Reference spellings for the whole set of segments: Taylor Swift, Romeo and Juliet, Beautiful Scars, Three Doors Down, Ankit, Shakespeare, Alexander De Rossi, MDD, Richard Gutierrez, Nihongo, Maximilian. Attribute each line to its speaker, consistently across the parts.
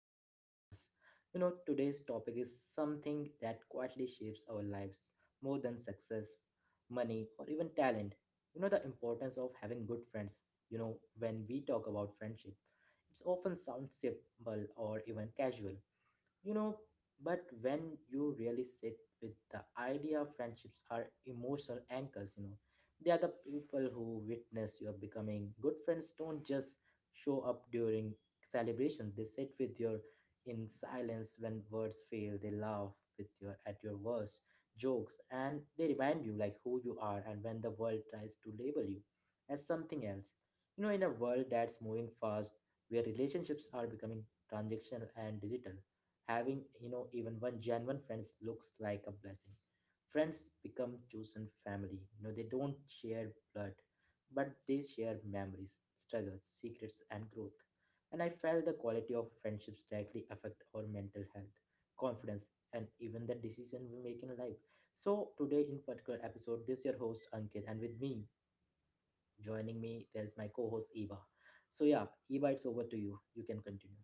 Speaker 1: of our podcast. Today's topic is something that quietly shapes our lives more than success, money, or even talent. The importance of having good friends. When we talk about friendship, it's often sounds simple or even casual, you know, but when you really sit with the idea of friendships are emotional anchors, they are the people who witness your becoming. Good friends don't just show up during celebrations, they sit with you in silence when words fail, they laugh with your at your worst jokes, and they remind you like who you are and when the world tries to label you as something else. In a world that's moving fast, where relationships are becoming transactional and digital. Having, even one genuine friends looks like a blessing. Friends become chosen family. They don't share blood, but they share memories, struggles, secrets, and growth. And I felt the quality of friendships directly affect our mental health, confidence, and even the decision we make in life. So today, in particular episode, this is your host Ankit, and with me, joining me, there's my co-host Eva. So yeah, Eva, it's over to you. You can continue.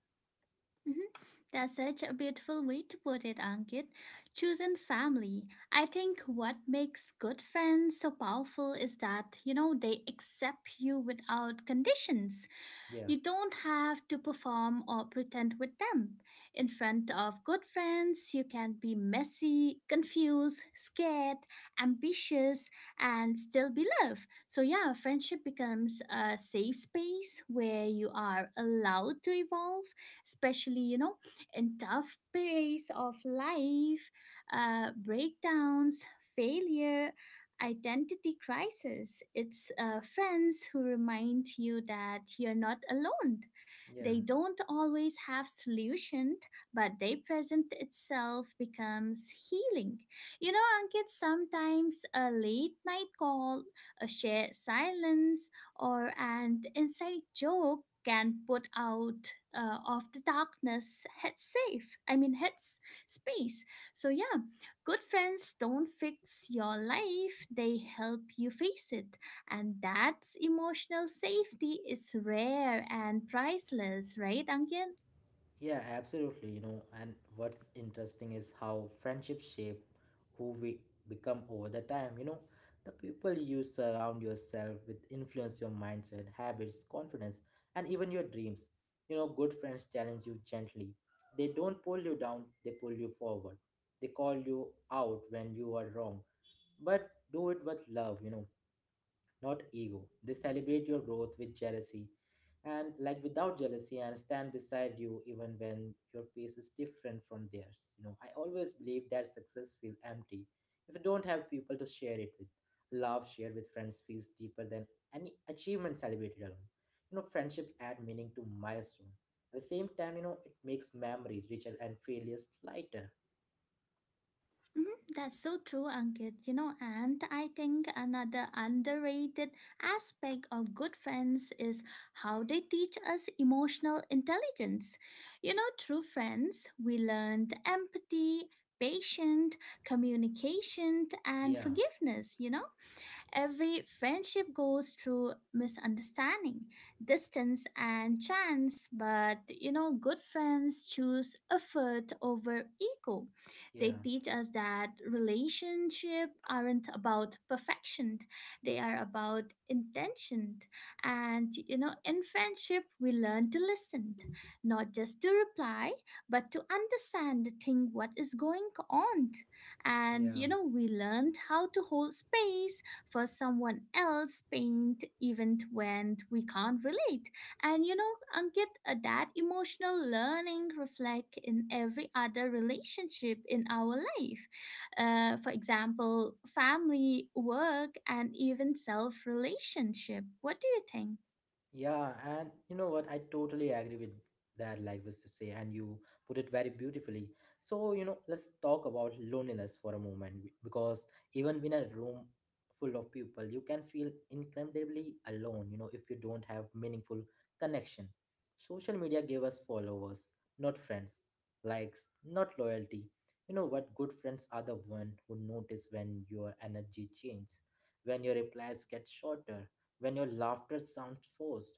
Speaker 2: Mhm. That's such a beautiful way to put it, Ankit. Choosing family. I think what makes good friends so powerful is that, you know, they accept you without conditions.
Speaker 1: Yeah,
Speaker 2: You don't have to perform or pretend with them. In front of good friends, you can be messy, confused, scared, ambitious, and still be loved. So, yeah, friendship becomes a safe space where you are allowed to evolve, especially, you know, in tough periods of life, breakdowns, failure, identity crisis. It's friends who remind you that you're not alone.
Speaker 1: yeah.
Speaker 2: They don't always have solutions, but they present itself becomes healing. You know, Ankit, sometimes a late night call, a shared silence, or an inside joke can put out of the darkness head safe, I mean space. So yeah, good friends don't fix your life, they help you face it. And that emotional safety is rare and priceless, right, Ankit?
Speaker 1: Yeah, absolutely. And what's interesting is how friendships shape who we become over the time. The people you surround yourself with influence your mindset, habits, confidence, and even your dreams. Good friends challenge you gently. They don't pull you down, they pull you forward. They call you out when you are wrong, but do it with love, not ego. They celebrate your growth with jealousy and like without jealousy and stand beside you even when your pace is different from theirs. I always believe that success feels empty if you don't have people to share it with. Love shared with friends feels deeper than any achievement celebrated alone. Friendship add meaning to milestone. At the same time, it makes memory richer and failures lighter.
Speaker 2: Mhm, that's so true, Ankit. You know, and I think another underrated aspect of good friends is how they teach us emotional intelligence. You know, through friends, we learned empathy, patience, communication, and
Speaker 1: Yeah,
Speaker 2: forgiveness, you know. Every friendship goes through misunderstanding, distance, and chance, but you know, good friends choose effort over ego. They
Speaker 1: yeah,
Speaker 2: teach us that relationships aren't about perfection, they are about intention. And you know, in friendship, we learn to listen, not just to reply, but to understand the thing what is going on. And
Speaker 1: yeah.
Speaker 2: you know, we learned how to hold space for someone else paint even when we can't relate. And you know, Ankit, that emotional learning reflect in every other relationship in our life, for example family, work, and even self relationship. What do you think?
Speaker 1: Yeah, and you know what? I totally agree with that, like was to say, and you put it very beautifully. So, let's talk about loneliness for a moment because even in a room full of people, you can feel incredibly alone, if you don't have meaningful connection. Social media gave us followers, not friends, likes, not loyalty. You know what? Good friends are the one who notice when your energy changes, when your replies get shorter, when your laughter sounds forced,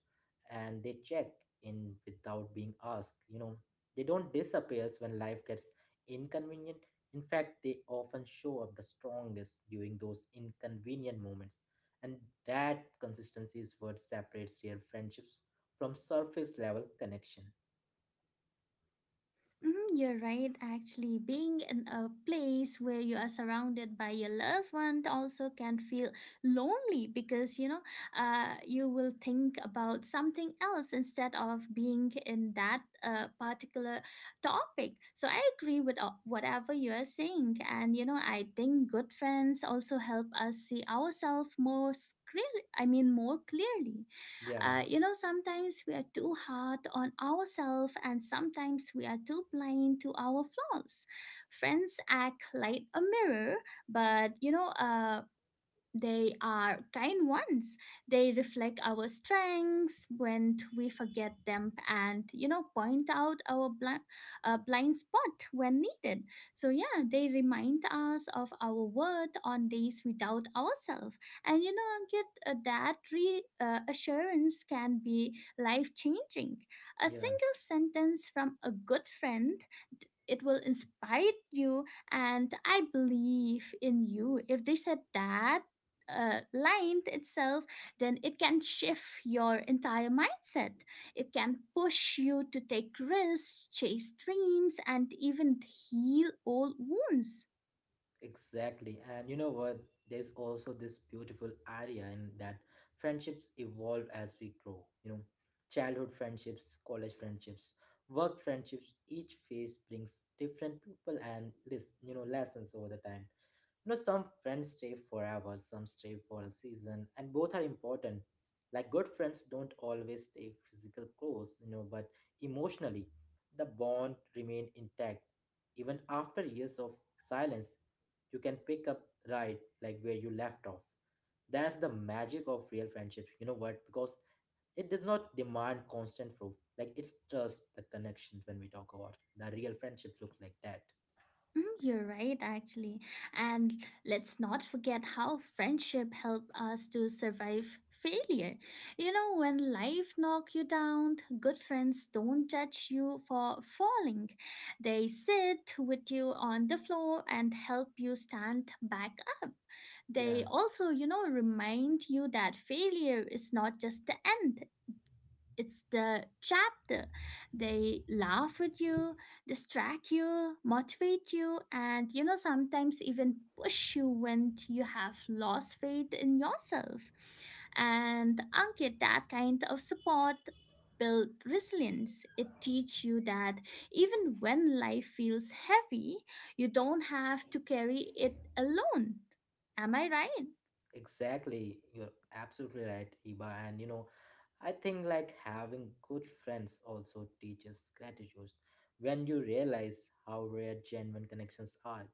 Speaker 1: and they check in without being asked. They don't disappear when life gets inconvenient. In fact, they often show up the strongest during those inconvenient moments, and that consistency is what separates real friendships from surface level connection.
Speaker 2: Mhm, you're right. Actually, being in a place where you are surrounded by your loved one also can feel lonely, because you know, you will think about something else instead of being in that particular topic. So I agree with whatever you are saying, and you know, I think good friends also help us see ourselves more clearly. I mean, more clearly.
Speaker 1: Yeah,
Speaker 2: You know, sometimes we are too hard on ourselves and sometimes we are too blind to our flaws. Friends act like a mirror, but you know, they are kind ones. They reflect our strengths when we forget them and, you know, point out our blind spot when needed. So, yeah, they remind us of our worth on days without ourselves. And, you know, Ankit, that re assurance can be life changing. A
Speaker 1: yeah.
Speaker 2: single sentence from a good friend, it will inspire you. And I believe in you, if they said that length itself, then it can shift your entire mindset. It can push you to take risks, chase dreams, and even heal old wounds.
Speaker 1: Exactly. And you know what? There's also this beautiful idea in that friendships evolve as we grow. Childhood friendships, college friendships, work friendships, each phase brings different people and lessons over the time. Some friends stay forever, some stay for a season, and both are important. Like good friends don't always stay physical close, but emotionally, the bond remain intact. Even after years of silence, you can pick up right like where you left off. That's the magic of real friendship. You know what? Because it does not demand constant proof. Like it's just the connection when we talk about the real friendship looks like that.
Speaker 2: Mm, you're right, actually. And let's not forget how friendship help us to survive failure. You know, when life knock you down, good friends don't judge you for falling. They sit with you on the floor and help you stand back up. They
Speaker 1: Yeah.
Speaker 2: also, you know, remind you that failure is not just the end. It's the chapter. They laugh with you, distract you, motivate you, and you know, sometimes even push you when you have lost faith in yourself. And Ankit, that kind of support build resilience. It teach you that even when life feels heavy, you don't have to carry it alone. Am I right?
Speaker 1: Exactly, you're absolutely right, Iba. And I think like having good friends also teaches gratitude. When you realize how rare genuine connections are,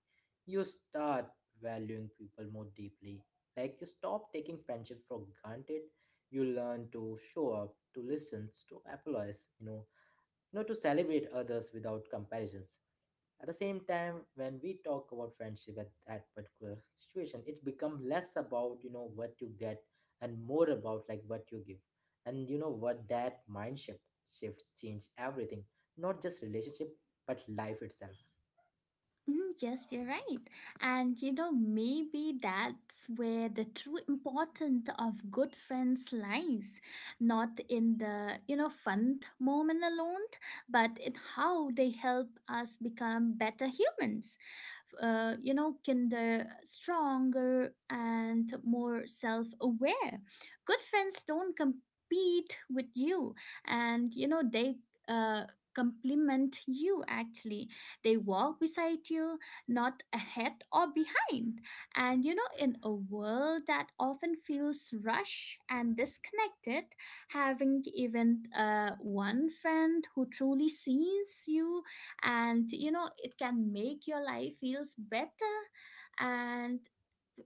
Speaker 1: you start valuing people more deeply. Like you stop taking friendship for granted. You learn to show up, to listen, to apologize. To celebrate others without comparisons. At the same time, when we talk about friendship at that particular situation, it becomes less about what you get and more about like what you give, and you know what, that mind shift shifts change everything, not just relationship but life itself.
Speaker 2: Mhm, yes, you're right. And you know, maybe that's where the true importance of good friends lies. Not in the, you know, fun moment alone, but in how they help us become better humans. You know, kinder, stronger, and more self aware. Good friends don't compete with you, and, you know, they uh, complement you actually. They walk beside you, not ahead or behind. And you know, in a world that often feels rushed and disconnected, having even one friend who truly sees you, and you know, it can make your life feels better, and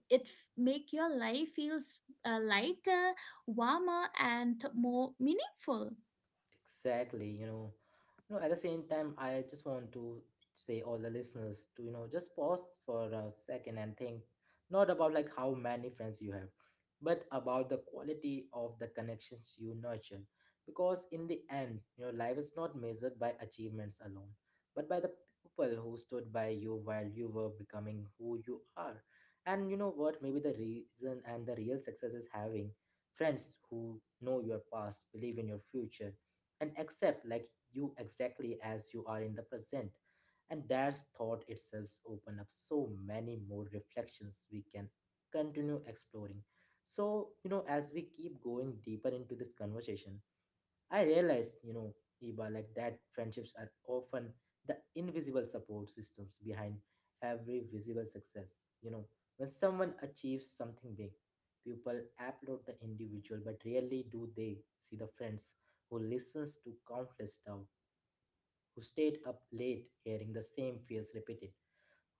Speaker 2: make your life feels lighter, warmer, and more meaningful.
Speaker 1: Exactly. At the same time, I just want to say all the listeners to, just pause for a second and think not about like how many friends you have, but about the quality of the connections you nurture. Because in the end, life is not measured by achievements alone, but by the people who stood by you while you were becoming who you are. And you know what? Maybe the reason and the real success is having friends who know your past, believe in your future and accept like you exactly as you are in the present, and that thought itself open up so many more reflections we can continue exploring. So as we keep going deeper into this conversation, I realized, Iba, like that friendships are often the invisible support systems behind every visible success. You know, when someone achieves something big, people applaud the individual, but rarely do they see the friends who listens to countless doubt, who stayed up late hearing the same fears repeated,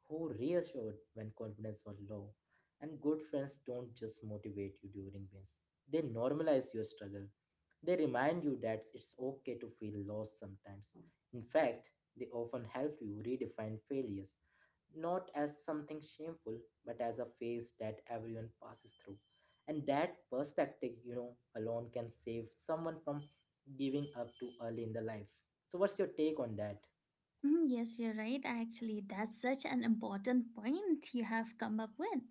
Speaker 1: who reassured when confidence was low. And good friends don't just motivate you during wins, they normalize your struggle. They remind you that it's okay to feel lost sometimes. In fact, they often help you redefine failures, not as something shameful, but as a phase that everyone passes through. And that perspective, alone can save someone from giving up too early in the life. So, what's your take on that?
Speaker 2: Mm, yes, you're right. Actually, that's such an important point you have come up with.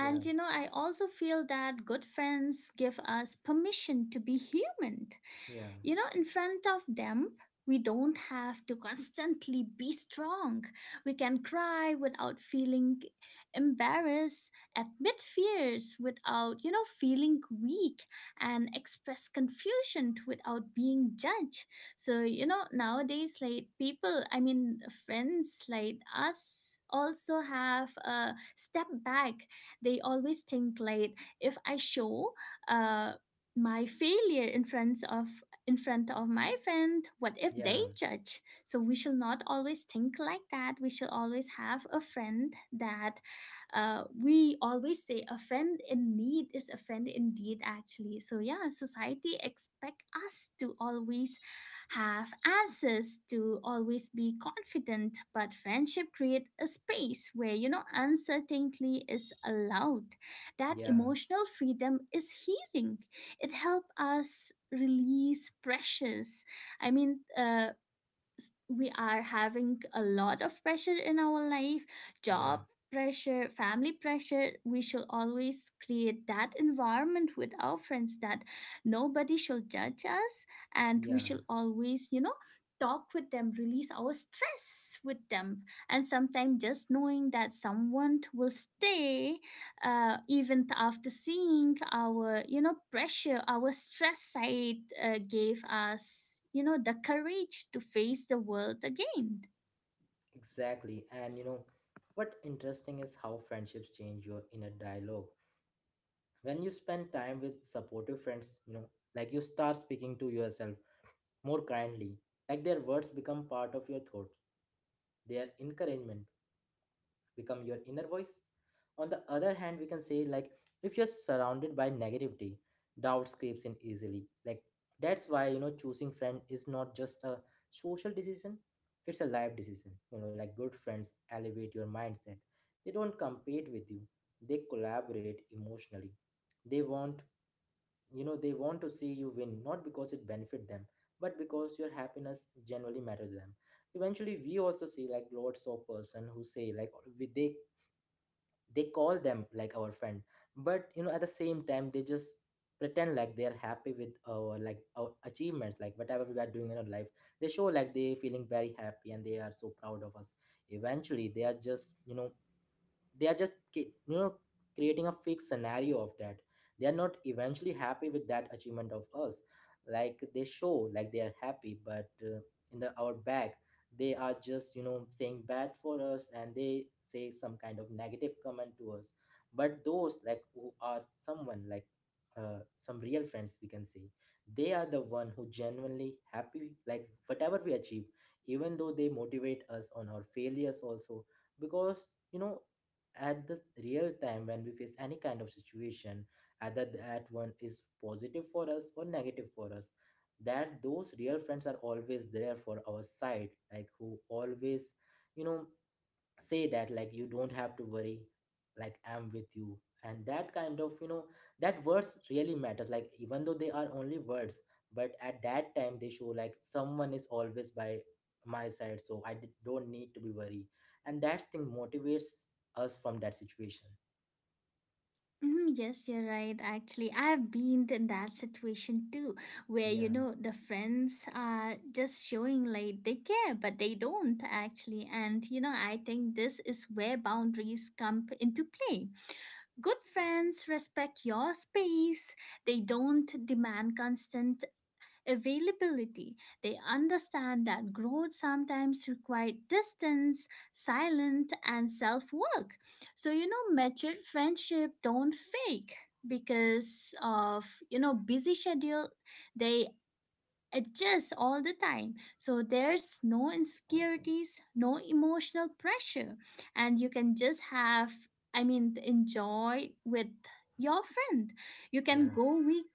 Speaker 1: Yeah,
Speaker 2: you know, I also feel that good friends give us permission to be human.
Speaker 1: yeah,
Speaker 2: You know, in front of them we don't have to constantly be strong. We can cry without feeling embarrassed, admit fears without, you know, feeling weak, and express confusion without being judged. So you know, nowadays, like people, I mean friends like us also have a step back. They always think like, if I show uh my failure in front of my friend, what if they
Speaker 1: yeah,
Speaker 2: judge? So we should not always think like that. We should always have a friend that, we always say a friend in need is a friend indeed, actually. So yeah, society expect us to always have answers, to always be confident, but friendship create a space where you know uncertainty is allowed. That
Speaker 1: yeah,
Speaker 2: emotional freedom is healing. It helps us release pressures. I mean, we are having a lot of pressure in our life,
Speaker 1: yeah.
Speaker 2: job pressure, family pressure. We should always create that environment with our friends that nobody should judge us, and we
Speaker 1: Yeah,
Speaker 2: should always, you know, talk with them, release our stress with them. And sometimes just knowing that someone will stay, even after seeing our, you know, pressure, our stress side, gave us, you know, the courage to face the world again.
Speaker 1: exactly. And what interesting is how friendships change your inner dialogue. When you spend time with supportive friends, like you start speaking to yourself more kindly, like their words become part of your thoughts, their encouragement become your inner voice. On the other hand, we can say like if you're surrounded by negativity, doubt creeps in easily. Like that's why choosing friend is not just a social decision, it's a life decision. Like good friends elevate your mindset. They don't compete with you, they collaborate emotionally. They want to see you win, not because it benefit them but because your happiness generally matters to them. Eventually we also see like lots of person who say like we, they call them like our friend, but at the same time they just pretend like they are happy with our like our achievements, like whatever we are doing in our life. They show like they feeling very happy and they are so proud of us. Eventually they are just they are just ca- you know creating a fake scenario of that. They are not eventually happy with that achievement of us. Like they show like they are happy, but in the our back they are just saying bad for us, and they say some kind of negative comment to us. But those like who are someone like some real friends we can say, they are the one who genuinely happy like whatever we achieve. Even though they motivate us on our failures also, because at the real time when we face any kind of situation, either that one is positive for us or negative for us, that those real friends are always there for our side, like who always you know say that like you don't have to worry, like I'm with you. And that kind of that words really matters. Like even though they are only words, but at that time they show like someone is always by my side, so I don't need to be worried. And that thing motivates us from that situation.
Speaker 2: Mhm, yes, you're right. Actually, I've been in that situation too, where you
Speaker 1: Yeah,
Speaker 2: know the friends are just showing like they care but they don't actually. And you know, I think this is where boundaries into play. Good friends respect your space. They don't demand constant availability. They understand that growth sometimes requires distance, silence, and self work. So, you know, mature friendship don't fake because of, you know, busy schedule. They adjust all the time. So there's no insecurities, no emotional pressure, and you can just have, I mean, enjoy with your friend. You can
Speaker 1: yeah,
Speaker 2: go week.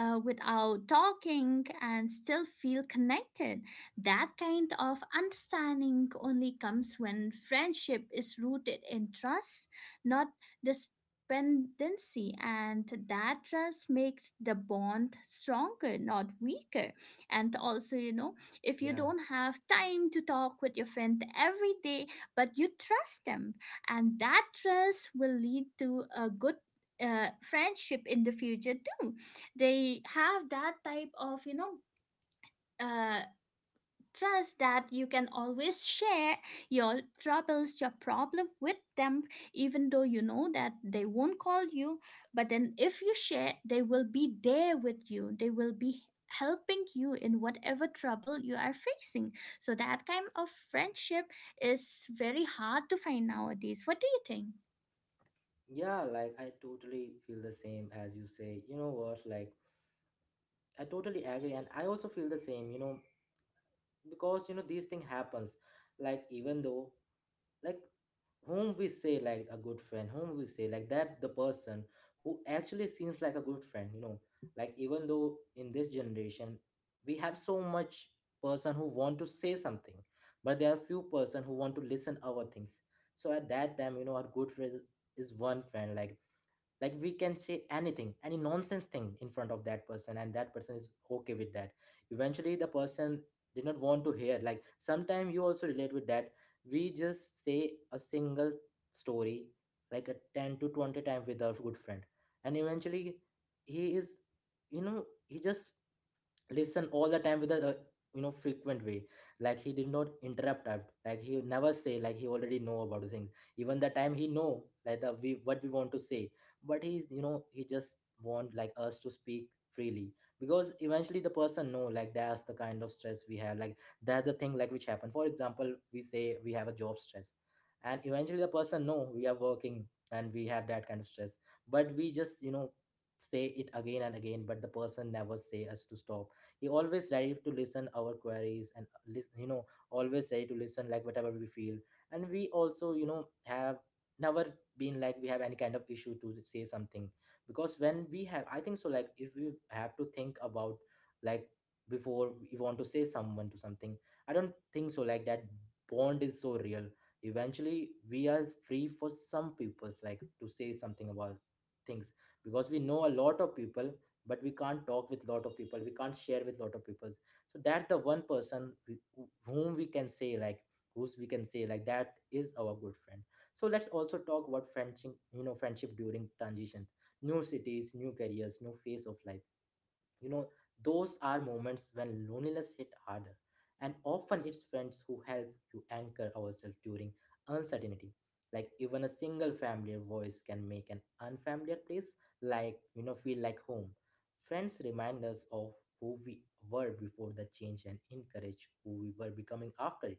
Speaker 2: Without talking and still feel connected. That kind of understanding only comes when friendship is rooted in trust, not dependency, and that trust makes the bond stronger, not weaker. And also, you know, if you
Speaker 1: yeah,
Speaker 2: don't have time to talk with your friend every day, but you trust them, and that trust will lead to a good friendship in the future too. They have that type of, you know, uh, trust that you can always share your troubles, your problem with them, even though you know that they won't call you. But then if you share, they will be there with you, they will be helping you in whatever trouble you are facing. So that kind of friendship is very hard to find nowadays. What do you think?
Speaker 1: yeah. Like I totally feel the same as you say. You know what Like I totally agree, and I also feel the same. Because these thing happens. Like even though, like whom we say like a good friend, whom we say like that the person who actually seems like a good friend. Like even though in this generation we have so much person who want to say something, but there are few person who want to listen our things. So at that time, our good friend is one friend. Like we can say anything, any nonsense thing, in front of that person, and that person is okay with that. Eventually the person did not want to hear. Like sometimes you also relate with that. We just say a single story like a 10 to 20 times with our good friend, and eventually he is, you know, he just listen all the time with a you know, frequent way. Like he did not interrupt us. Like he never say like he already know about the things, even the time he know like the we what we want to say, but he you know he just want like us to speak freely. Because eventually the person know like that's the kind of stress we have. Like that's the thing like which happen. For example, we say we have a job stress, and eventually the person know we are working and we have that kind of stress, but we just, you know, say it again and again, but the person never say us to stop. He always ready to listen our queries and listen, you know, always ready to listen like whatever we feel. And we also, you know, have never been like we have any kind of issue to say something, because when we have, I think so, like if we have to think about, like, before we want to say someone to something, I don't think so like that bond is so real. Eventually we are free for some people's like to say something about things, because we know a lot of people, but we can't talk with lot of people, we can't share with lot of people. So that's the one person whom we can say like, who's we can say like that is our good friend. So let's also talk about friendship. You know, friendship during transitions, new cities, new careers, new phase of life, you know, those are moments when loneliness hit harder, and often it's friends who help you anchor ourselves during uncertainty. Like even a single familiar voice can make an unfamiliar place, like, you know, feel like home. Friends remind us of who we were before the change and encourage who we were becoming after it.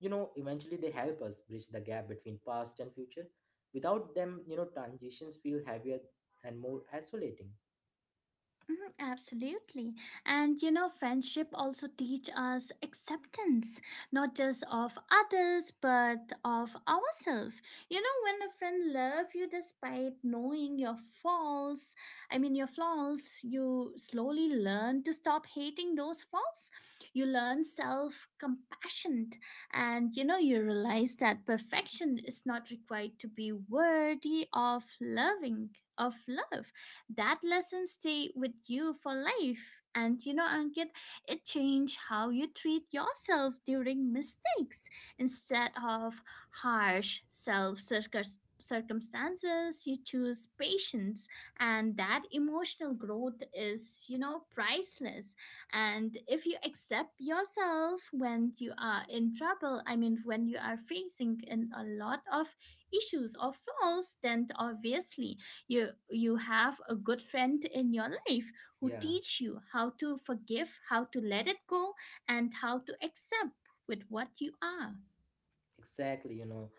Speaker 1: You know, eventually they help us bridge the gap between past and future. Without them, you know, transitions feel heavier and more isolating.
Speaker 2: Mhm, absolutely. And you know, friendship also teach us acceptance, not just of others, but of ourselves. You know, when a friend love you despite knowing your faults, I mean your flaws, you slowly learn to stop hating those flaws. You learn self-compassion, and you know, you realize that perfection is not required to be worthy of loving, of love. That lesson stay with you for life. And you know, Ankit, it changed how you treat yourself during mistakes. Instead of harsh self circumstances, you choose patience, and that emotional growth is, you know, priceless. And if you accept yourself when you are in trouble, I mean when you are facing in a lot of issues or flaws, then obviously you have a good friend in your life who
Speaker 1: Yeah,
Speaker 2: teach you how to forgive, how to let it go, and how to accept with what you are.
Speaker 1: exactly. You know,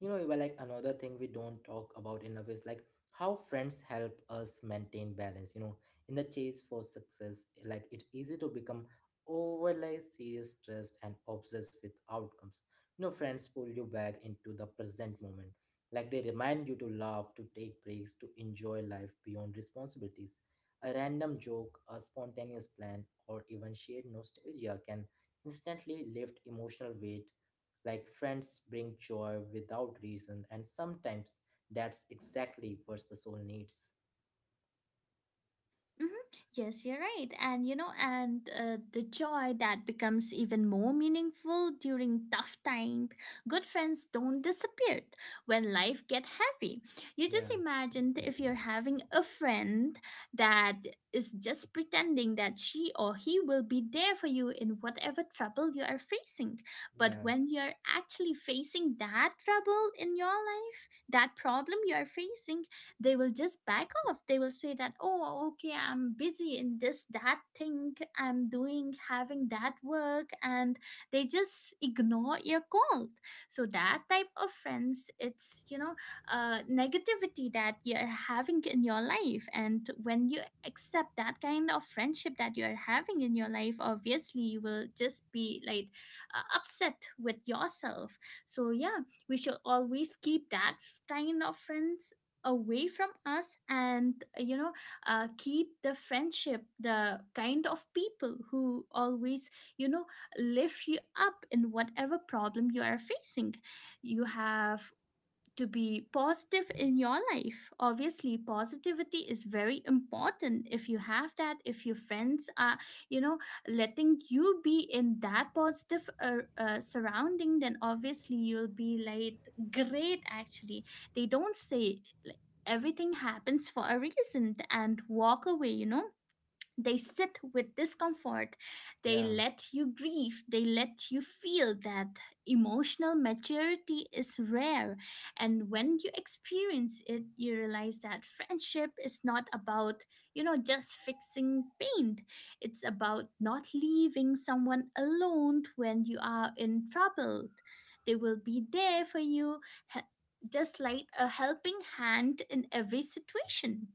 Speaker 1: you know well, like another thing we don't talk about enough is like how friends help us maintain balance, you know, in the chase for success. Like it's easy to become overly serious, stressed, and obsessed with outcomes. You know, friends pull you back into the present moment. Like they remind you to laugh, to take breaks, to enjoy life beyond responsibilities. A random joke, a spontaneous plan, or even shared nostalgia can instantly lift emotional weight. Like friends bring joy without reason, and sometimes that's exactly what the soul needs.
Speaker 2: Mhm. Yes, you're right. And you know, and the joy that becomes even more meaningful during tough times. Good friends don't disappear when life get heavy. You just
Speaker 1: Yeah,
Speaker 2: imagined, if you're having a friend that is just pretending that she or he will be there for you in whatever trouble you are facing. But
Speaker 1: yeah,
Speaker 2: when you're actually facing that trouble in your life, that problem you are facing, they will just back off. They will say that, oh okay, I'm busy in this that thing, I'm doing, having that work, and they just ignore your call. So that type of friends, it's, you know, negativity that you're having in your life. And when you accept that kind of friendship that you're having in your life, obviously you will just be like upset with yourself. So yeah, we should always keep that kind of friends away from us, and you know, keep the friendship, the kind of people who always, you know, lift you up in whatever problem you are facing. You have to be positive in your life. Obviously, positivity is very important. If you have that, if your friends are, you know, letting you be in that positive surrounding, then obviously you'll be like, great, actually. They don't say, like, everything happens for a reason and walk away. They sit with discomfort. They
Speaker 1: yeah,
Speaker 2: let you grieve. They let you feel that emotional maturity is rare. And when you experience it, you realize that friendship is not about, just fixing pain. It's about not leaving someone alone when you are in trouble. They will be there for you, he- just like a helping hand in every situation.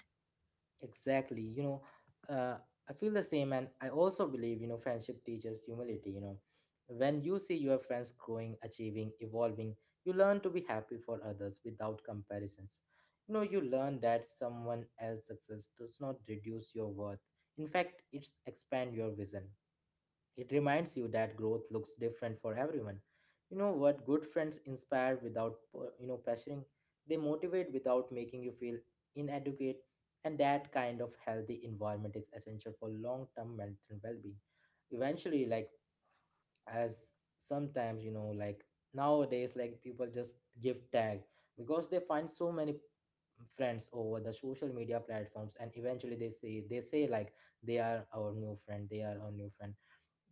Speaker 1: exactly. You know, uh, I feel the same, and I also believe, you know, friendship teaches humility. You know, when you see your friends growing, achieving, evolving, you learn to be happy for others without comparisons. You know, you learn that someone else's success does not reduce your worth. In fact, it's expand your vision. It reminds you that growth looks different for everyone. You know what, good friends inspire without you know, pressuring. They motivate without making you feel inadequate, and that kind of healthy environment is essential for long-term mental well-being. Eventually, like as sometimes, you know, like nowadays, like people just give tag because they find so many friends over the social media platforms, and eventually they say like they are our new friend, they are our new friend.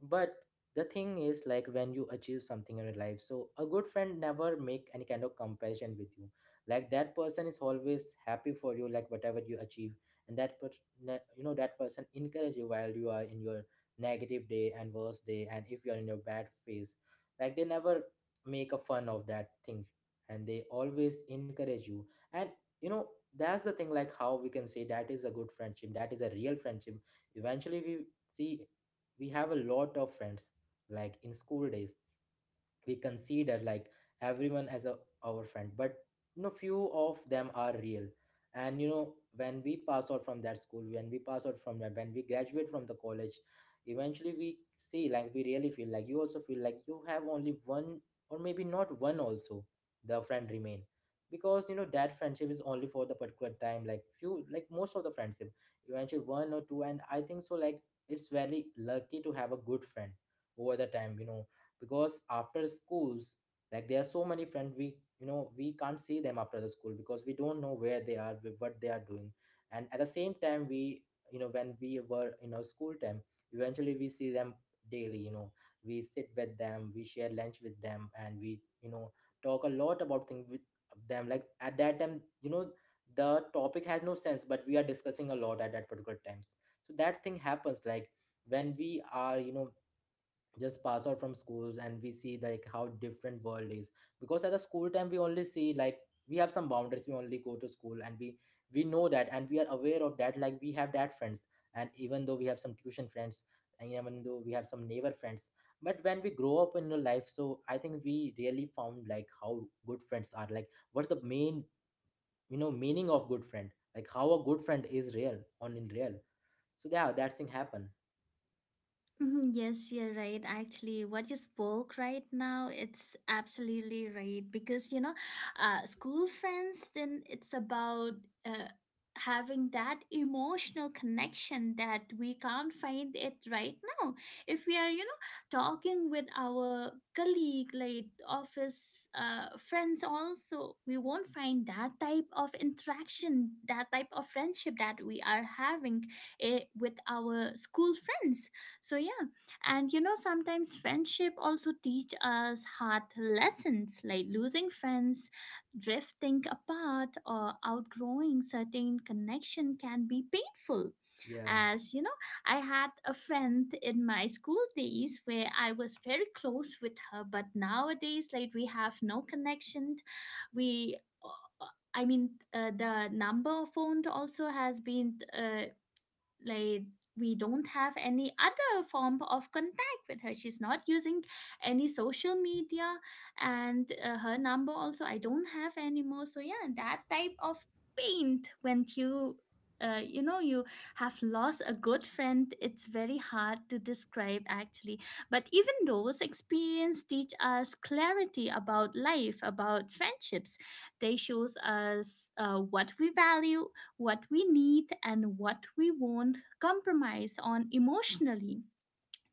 Speaker 1: But the thing is, like, when you achieve something in your life, so a good friend never make any kind of comparison with you. Like that person is always happy for you, like whatever you achieve. And you know, that person encourage you while you are in your negative day and worst day, and if you are in your bad phase, like they never make a fun of that thing, and they always encourage you. And, you know, that's the thing, like how we can say that is a good friendship, that is a real friendship. Eventually we see, we have a lot of friends. Like in school days, we consider like everyone as our friend, but you know, few of them are real. And you know, when we pass out from that school, when we pass out from that, when we graduate from the college, eventually we see like we really feel like, you also feel like you have only one, or maybe not one also, the friend remain. Because you know, that friendship is only for the particular time. Like few, like most of the friendship, eventually one or two, and I think so, like it's very lucky to have a good friend over the time, you know, because after schools, like there are so many friends, we you know we can't see them after the school, because we don't know where they are with what they are doing. And at the same time, we, you know, when we were in our school time, eventually we see them daily, you know, we sit with them, we share lunch with them, and we, you know, talk a lot about things with them. Like at that time, you know, the topic has no sense, but we are discussing a lot at that particular times. So that thing happens like when we are, you know, just pass out from schools, and we see like how different world is, because at the school time we only see like we have some boundaries, we only go to school, and we know that, and we are aware of that, like we have that friends, and even though we have some tuition friends, and even though we have some neighbor friends, but when we grow up in our life, so I think we really found like how good friends are, like what's the main, you know, meaning of good friend, like how a good friend is real on in real. So yeah, that thing happen.
Speaker 2: Mhm. Yes, you're right. Actually, what you spoke right now, it's absolutely right because school friends. Then it's about uh, having that emotional connection that we can't find it right now. If we are, talking with our colleague, like office friends, also we won't find that type of interaction, that type of friendship that we are having with our school friends. So yeah, and you know sometimes friendship also teach us hard lessons like losing friends, drifting apart, or outgrowing certain connection can be painful.
Speaker 1: Yeah,
Speaker 2: As you know, I had a friend in my school days where I was very close with her, but nowadays like we have no connection. We uh, I mean the number phoned also has been like we don't have any other form of contact with her. She's not using any social media, and her number also I don't have anymore. So yeah, that type of pain when you, you know you have lost a good friend, it's very hard to describe actually. But even those experience teach us clarity about life, about friendships. They shows us what we value, what we need, and what we won't compromise on emotionally.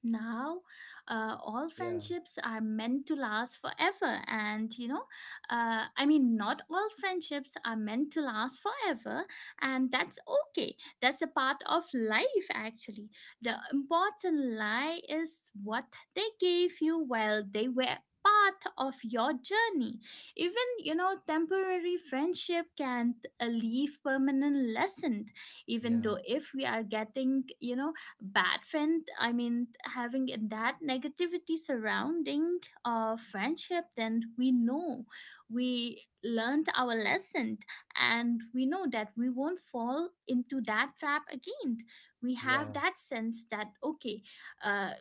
Speaker 2: Now all
Speaker 1: yeah,
Speaker 2: friendships are meant to last forever, and you know I mean not all friendships are meant to last forever, and that's okay. That's a part of life actually. The important lie is what they gave you while they were part of your journey. Even you know temporary friendship can leave permanent lesson. Even though
Speaker 1: yeah,
Speaker 2: if we are getting you know bad friend, I mean having that negativity surrounding friendship, then we know we learned our lesson, and we know that we won't fall into that trap again. We have
Speaker 1: yeah.
Speaker 2: that sense that okay, uh,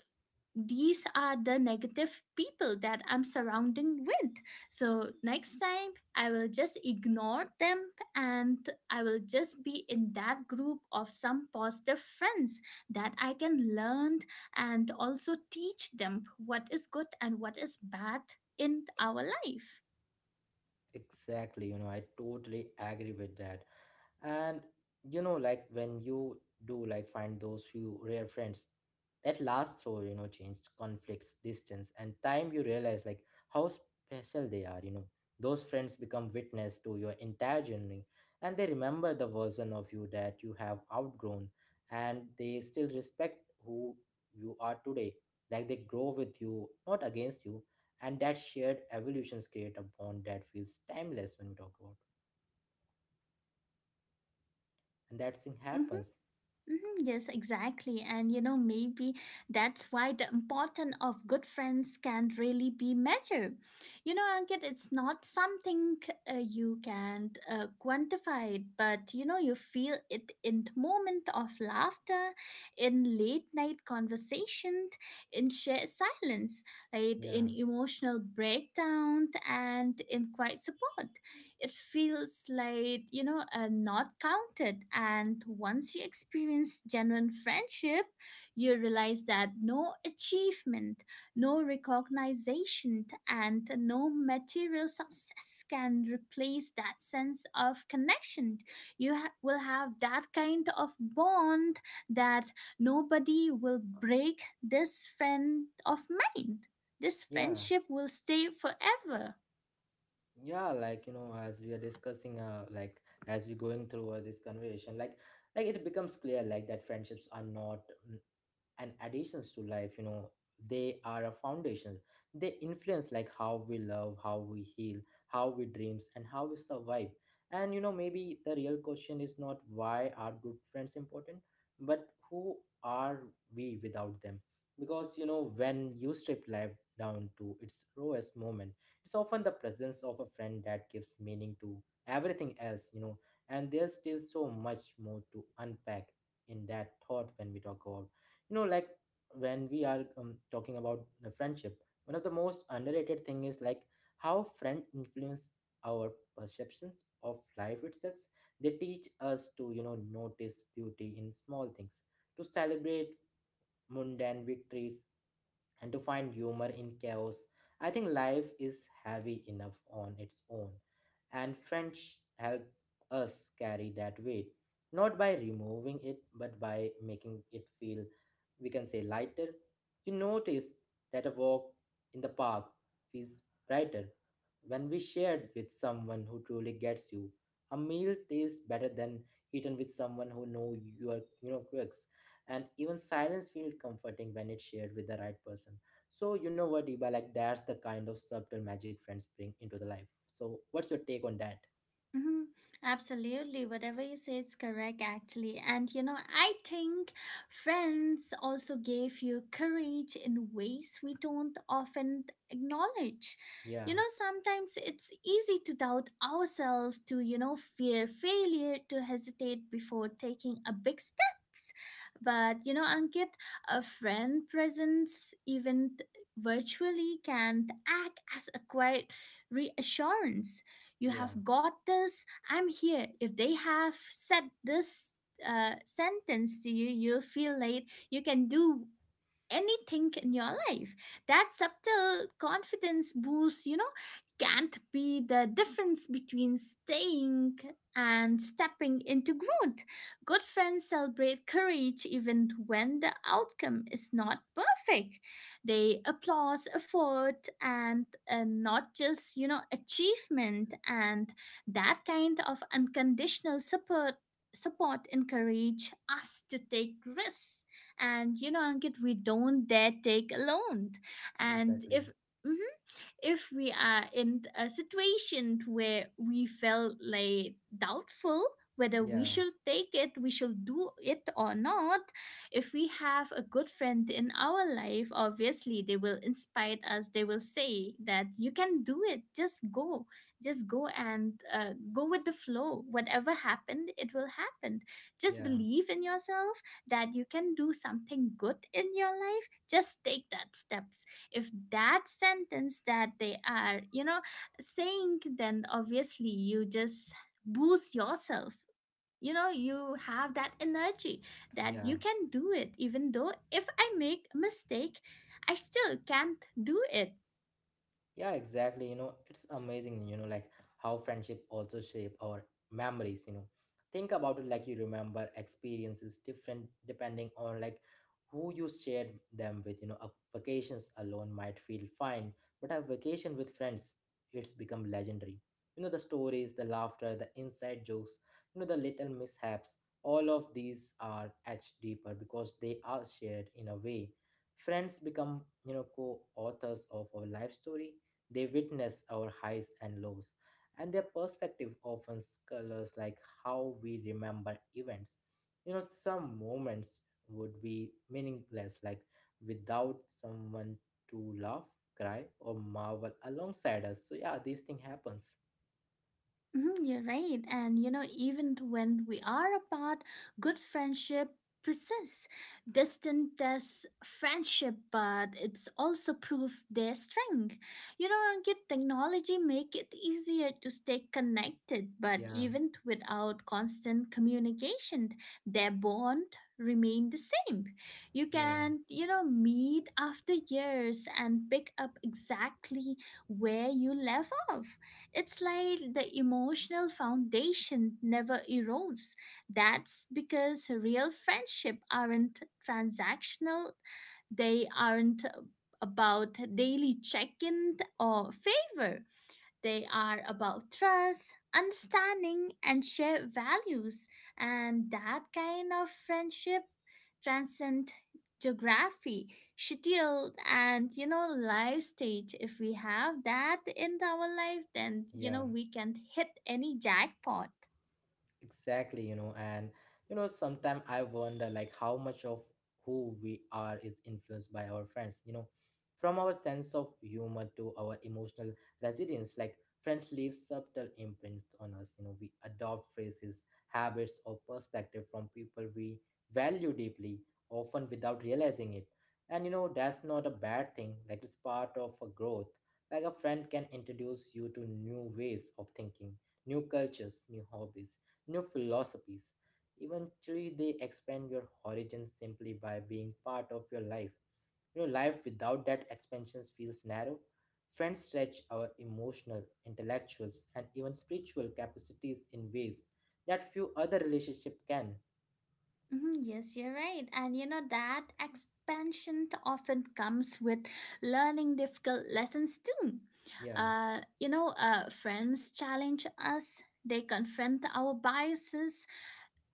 Speaker 2: these are the negative people that I'm surrounding with. So next time I will just ignore them, and I will just be in that group of some positive friends that I can learn and also teach them what is good and what is bad in our life.
Speaker 1: Exactly. You know, I totally agree with that. And you know, like when you do, like, find those few rare friends that last through, you know, change, conflicts, distance, and time, you realize like how special they are, you know. Those friends become witness to your entire journey, and they remember the version of you that you have outgrown, and they still respect who you are today. Like they grow with you, not against you, and that shared evolutions create a bond that feels timeless when we talk about, and that thing
Speaker 2: Mhm.
Speaker 1: happens.
Speaker 2: Mhm. Yes, exactly. And you know, maybe that's why the importance of good friends can really be measured. You know, Ankit, it's not something you can quantify it, but you know, you feel it in the moment of laughter, in late night conversations, in shared silence, right?
Speaker 1: Yeah.
Speaker 2: In emotional breakdown and in quiet support. It feels like, not counted. And once you experience genuine friendship, you realize that no achievement, no recognition, and no material success can replace that sense of connection. Will have that kind of bond that nobody will break this friend of mine. This
Speaker 1: Yeah,
Speaker 2: friendship will stay forever.
Speaker 1: yeah, like you know, as we are discussing, like as we going through this conversation, like, it becomes clear, like that friendships are not mm, and additions to life, you know, they are a foundation. They influence like how we love, how we heal, how we dreams, and how we survive. And you know, maybe the real question is not why are good friends important, but who are we without them? Because you know, when you strip life down to its rawest moment, it's often the presence of a friend that gives meaning to everything else, you know. And there's still so much more to unpack in that thought when we talk about, you know, like, when we are talking about the friendship, one of the most underrated thing is like how friend influence our perceptions of life itself. They teach us to, you know, notice beauty in small things, to celebrate mundane victories, and to find humor in chaos. I think life is heavy enough on its own, and French help us carry that weight, not by removing it, but by making it feel, we can say, lighter. You notice that a walk in the park feels brighter when we shared with someone who truly gets you. A meal tastes better than eaten with someone who know your, you know, quirks, and even silence feels comforting when it's shared with the right person. So you know what, Iba, like that's the kind of subtle magic friends bring into the life. So what's your take on that?
Speaker 2: Mhm. Absolutely, whatever you say is correct, actually. And you know, I think friends also gave you courage in ways we don't often acknowledge.
Speaker 1: Yeah,
Speaker 2: You know, sometimes it's easy to doubt ourselves, to, fear failure, to hesitate before taking a big steps. But, you know, Ankit, a friend presence, even virtually, can act as a quiet reassurance you
Speaker 1: yeah,
Speaker 2: have got this. I'm here. If they have said this sentence to you, you'll feel late. You can do anything in your life. That subtle confidence boost, you know, can't be the difference between staying and stepping into growth. Good friends celebrate courage even when the outcome is not perfect. They applaud effort and not just, you know, achievement. And that kind of unconditional support encourage us to take risks. And you know, Ankit, we don't dare take a loan. And
Speaker 1: exactly.
Speaker 2: if mhm, if we are in a situation where we felt like doubtful whether we
Speaker 1: Yeah,
Speaker 2: should take it, we should do it or not. If we have a good friend in our life, obviously they will inspire us, they will say that you can do it, just go, just go and go with the flow, whatever happened it will happen. Just
Speaker 1: yeah,
Speaker 2: believe in yourself, that you can do something good in your life, just take that steps. If that sentence that they are you know saying, then obviously you just boost yourself. You know, you have that energy that
Speaker 1: yeah.
Speaker 2: you can do it, even though if I make a mistake, I still can't do it.
Speaker 1: Yeah, exactly. You know, it's amazing, you know, like how friendship also shape our memories, you know. Think about it, like you remember experiences different depending on like who you shared them with, you know. A vacations alone might feel fine, but a vacation with friends, it's become legendary. You know, the stories, the laughter, the inside jokes, you know, the little mishaps, all of these are etched deeper because they are shared. In a way, friends become, you know, co-authors of our life story. They witness our highs and lows, and their perspective often colors like how we remember events. You know, some moments would be meaningless, like, without someone to laugh, cry, or marvel alongside us. So yeah, this thing happens.
Speaker 2: Mhm. You're right. And you know, even when we are apart, good friendship persists. Distance tests friendship, but it's also proof their strength. You know, Ankit, technology make it easier to stay connected, but
Speaker 1: Yeah,
Speaker 2: even without constant communication, their bond remain the same. You
Speaker 1: yeah,
Speaker 2: can, you know, meet after years and pick up exactly where you left off. It's like the emotional foundation never erodes. That's because real friendship aren't transactional, they aren't about daily check in or favor. They are about trust, understanding, and shared values. And that kind of friendship transcends geography, schedule, and you know, life stage. If we have that in our life, then you
Speaker 1: yeah.
Speaker 2: know, we can hit any jackpot.
Speaker 1: Exactly, sometimes I wonder like how much of who we are is influenced by our friends, you know, from our sense of humor to our emotional resilience. Like, friends leave subtle imprints on us, you know, we adopt phrases, habits, or perspective from people we value deeply, often without realizing it. And you know, that's not a bad thing, like, it's part of a growth. Like, a friend can introduce you to new ways of thinking, new cultures, new hobbies, new philosophies. Eventually, they expand your horizons simply by being part of your life. Your life without that expansion feels narrow. Friends stretch our emotional, intellectual, and even spiritual capacities in ways that few other relationships can.
Speaker 2: Mhm. Yes, you're right. And you know that expansion often comes with learning difficult lessons too.
Speaker 1: Yeah,
Speaker 2: Friends challenge us, they confront our biases,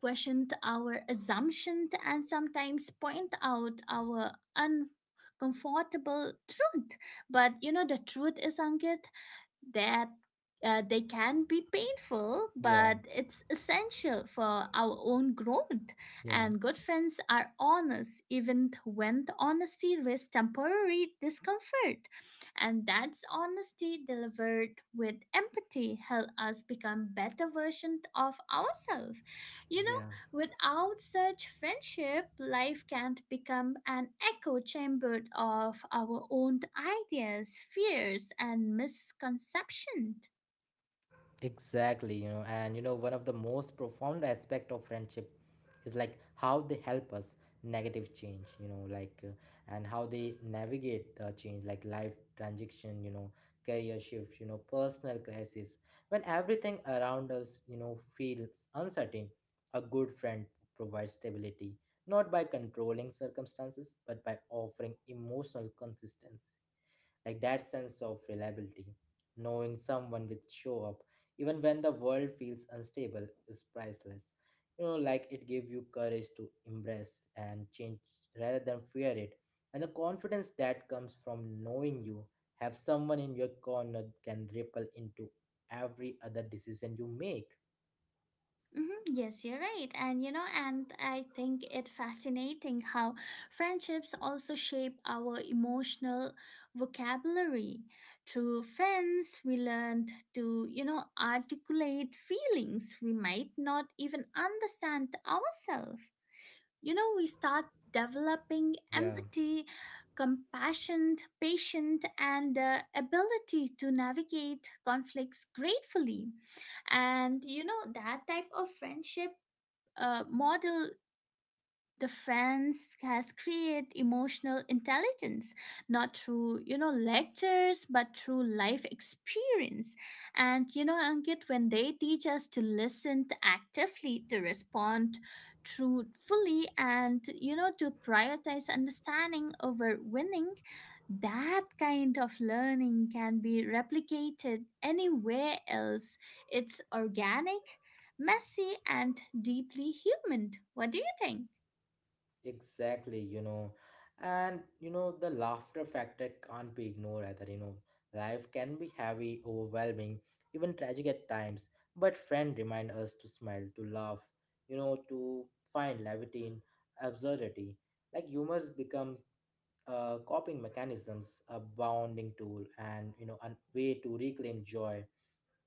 Speaker 2: question our assumptions, and sometimes point out our uncomfortable truth. But you know the truth is, Ankit, that they can be painful,
Speaker 1: yeah,
Speaker 2: but it's essential for our own growth.
Speaker 1: yeah,
Speaker 2: And good friends are honest, even when the honesty risks temporary discomfort. And that's honesty delivered with empathy help us become better versions of ourselves. You
Speaker 1: yeah.
Speaker 2: know, without such friendship, life can become an echo chamber of our own ideas, fears, and misconceptions.
Speaker 1: Exactly, one of the most profound aspect of friendship is like how they help us negative change, you know, like and how they navigate the change, like life transition, you know, career shift, you know, personal crisis. When everything around us, you know, feels uncertain, a good friend provides stability, not by controlling circumstances, but by offering emotional consistency, like that sense of reliability, knowing someone will show up even when the world feels unstable is priceless. You know, like it gave you courage to embrace and change rather than fear it, and the confidence that comes from knowing you have someone in your corner can ripple into every other decision you make.
Speaker 2: Mhm. Yes, you're right. And you know, and I think it fascinating how friendships also shape our emotional vocabulary. Through friends, we learned to, articulate feelings we might not even understand ourselves. You know, we start developing
Speaker 1: Yeah.
Speaker 2: empathy, compassion, patience, and ability to navigate conflicts gratefully. And you know that type of friendship model the friends has create emotional intelligence, not through you know lectures but through life experience. And you know, Ankit, when they teach us to listen to actively, to respond truthfully, and you know to prioritize understanding over winning, that kind of learning can be replicated anywhere else. It's organic, messy, and deeply human. What do you think?
Speaker 1: Exactly, the laughter factor can't be ignored either. You know, life can be heavy, overwhelming, even tragic at times, but friend remind us to smile, to laugh, you know, to find levity in absurdity. Like humors become coping mechanisms, a bounding tool, and you know, a way to reclaim joy.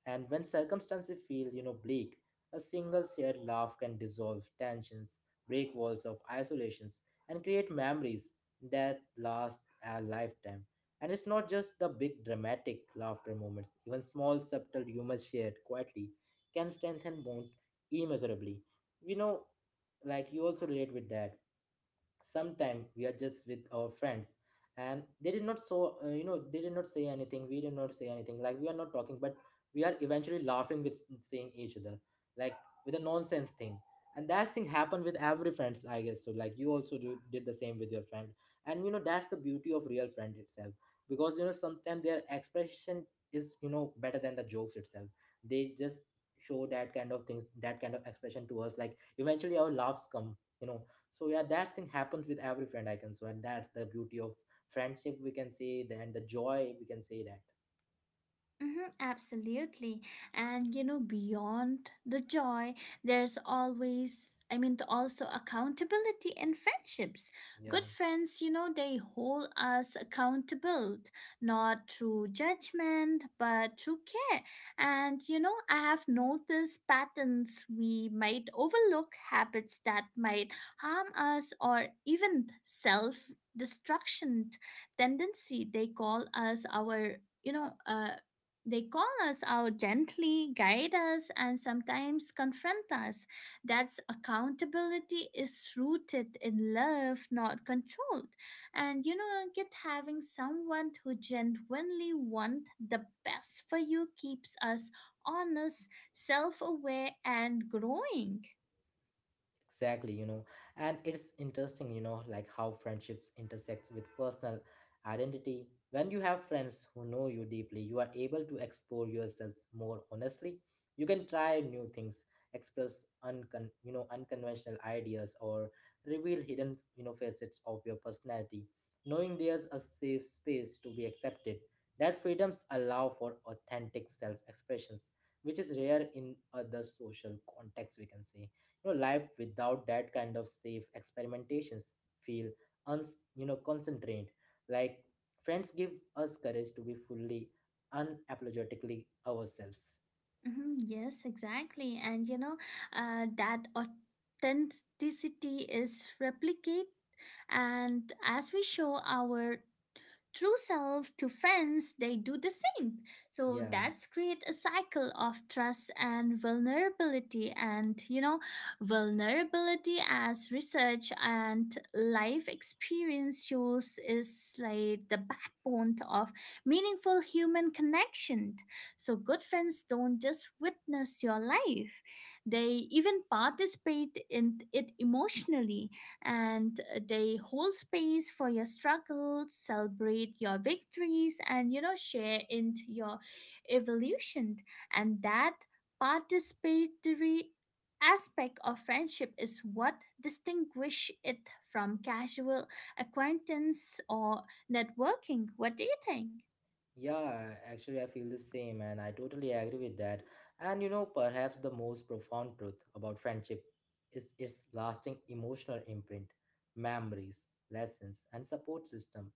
Speaker 1: And when circumstances feel, you know, bleak, a single shared laugh can dissolve tensions, break walls of isolations, and create memories that last a lifetime. And it's not just the big dramatic laughter moments, even small subtle humors shared quietly can strengthen bond immeasurably. We know, like, you also relate with that. Sometime we are just with our friends and they did not so you know, they did not say anything, we did not say anything, like we are not talking, but we are eventually laughing with seeing each other, like with a nonsense thing. And that thing happened with every friends, I guess, so like you also did the same with your friend. And you know that's the beauty of real friend itself, because you know sometimes their expression is, you know, better than the jokes itself. They just show that kind of things, that kind of expression to us, like eventually our laughs come, you know. So yeah, that thing happens with every friend, I can swear. That's the beauty of friendship we can say, then the joy we can say that.
Speaker 2: Mm-hmm, absolutely. And you know, beyond the joy, there's always, I mean, also accountability in friendships.
Speaker 1: Yeah.
Speaker 2: Good friends, you know, they hold us accountable, not through judgment, but through care. And you know, I have noticed patterns we might overlook, habits that might harm us, or even self destruction tendency. You know uh, they call us out gently, guide us, and sometimes confront us. That's accountability is rooted in love, not controlled. And you know, get having someone who genuinely wants the best for you keeps us honest, self aware, and growing.
Speaker 1: Exactly, you know, and it's interesting, you know, like how friendships intersects with personal identity. When you have friends who know you deeply, you are able to explore yourselves more honestly. You can try new things, express you know, unconventional ideas, or reveal hidden, you know, facets of your personality. Knowing there's a safe space to be accepted, that freedoms allow for authentic self-expressions, which is rare in other social contexts, we can say. You know, life without that kind of safe experimentations feel uns you know, concentrate. Like friends give us courage to be fully, unapologetically ourselves.
Speaker 2: Mhm. Yes, exactly. And you know, that authenticity is replicated, and as we show our true self to friends, they do the same. So
Speaker 1: Yeah.
Speaker 2: that's create a cycle of trust and vulnerability. And you know vulnerability, as research and life experience shows, is like the backbone of meaningful human connection. So good friends don't just witness your life, they even participate in it emotionally, and they hold space for your struggles, celebrate your victories, and you know, share in your evolution. And that participatory aspect of friendship is what distinguish it from casual acquaintance or networking. What do you think?
Speaker 1: Yeah, actually I feel the same and I totally agree with that. And you know, perhaps the most profound truth about friendship is its lasting emotional imprint, memories, lessons, and support system.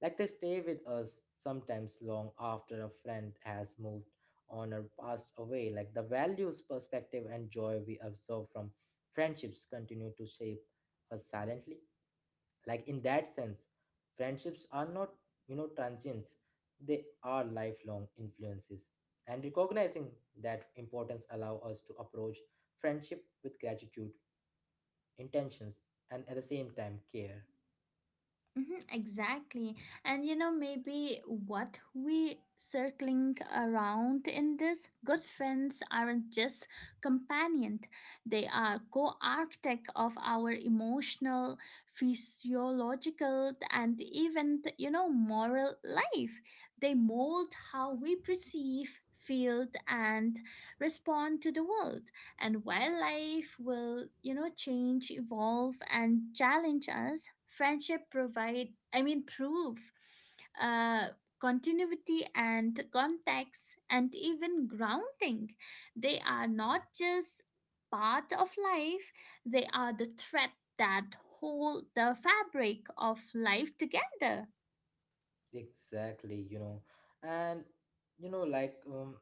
Speaker 1: Like they stay with us sometimes long after a friend has moved on or passed away. Like the values, perspective, and joy we observe from friendships continue to shape us silently. Like in that sense, friendships are not, you know, transients, they are lifelong influences. And recognizing that importance allow us to approach friendship with gratitude, intentions, and at the same time care.
Speaker 2: Hmm, exactly. And you know, maybe what we circling around in this good friends aren't just companion. They are co-architect of our emotional, physiological, and even you know moral life. They mold how we perceive, feel, and respond to the world. And while life will you know change, evolve, and challenge us, friendship provide I mean prove, uh, continuity and context and even grounding. They are not just part of life, they are the thread that hold the fabric of life together.
Speaker 1: Exactly, you know, and you know, like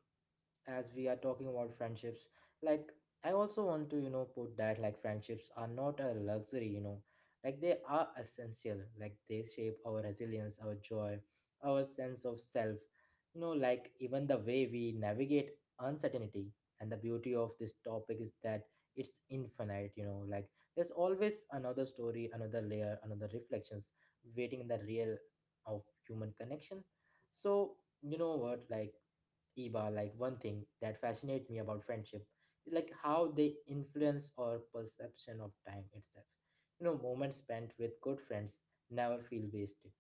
Speaker 1: as we are talking about friendships, like I also want to, you know, put that like friendships are not a luxury, you know, like they are essential. Like they shape our resilience, our joy, our sense of self, you know, like even the way we navigate uncertainty. And the beauty of this topic is that it's infinite, you know, like there's always another story, another layer, another reflections waiting in the real of human connection. So, you know what, like Iba, like one thing that fascinates me about friendship is like how they influence our perception of time itself. You know, moments spent with good friends never feel wasted.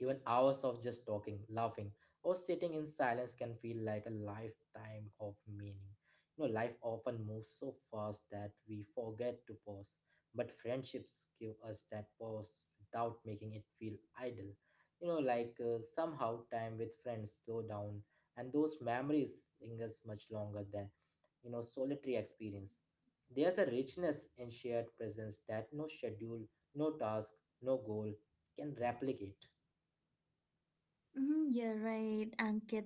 Speaker 1: Even hours of just talking, laughing, or sitting in silence can feel like a lifetime of meaning. You know, life often moves so fast that we forget to pause, but friendships give us that pause without making it feel idle. You know, like somehow time with friends slow down, and those memories lingers much longer than, you know, solitary experience. There's a richness in shared presence that no schedule, no task, no goal can replicate.
Speaker 2: Mm, you're right, Ankit.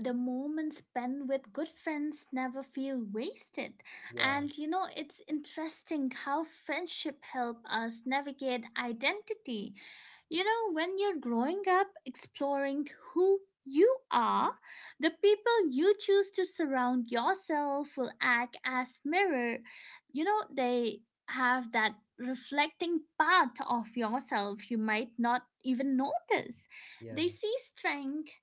Speaker 2: The moments spent with good friends never feel wasted.
Speaker 1: Yeah,
Speaker 2: And you know, it's interesting how friendship help us navigate identity. You know, when you're growing up, exploring who you are, the people you choose to surround yourself will act as mirror. You know, they have that reflecting part of yourself you might not even notice.
Speaker 1: yeah,
Speaker 2: They see strength,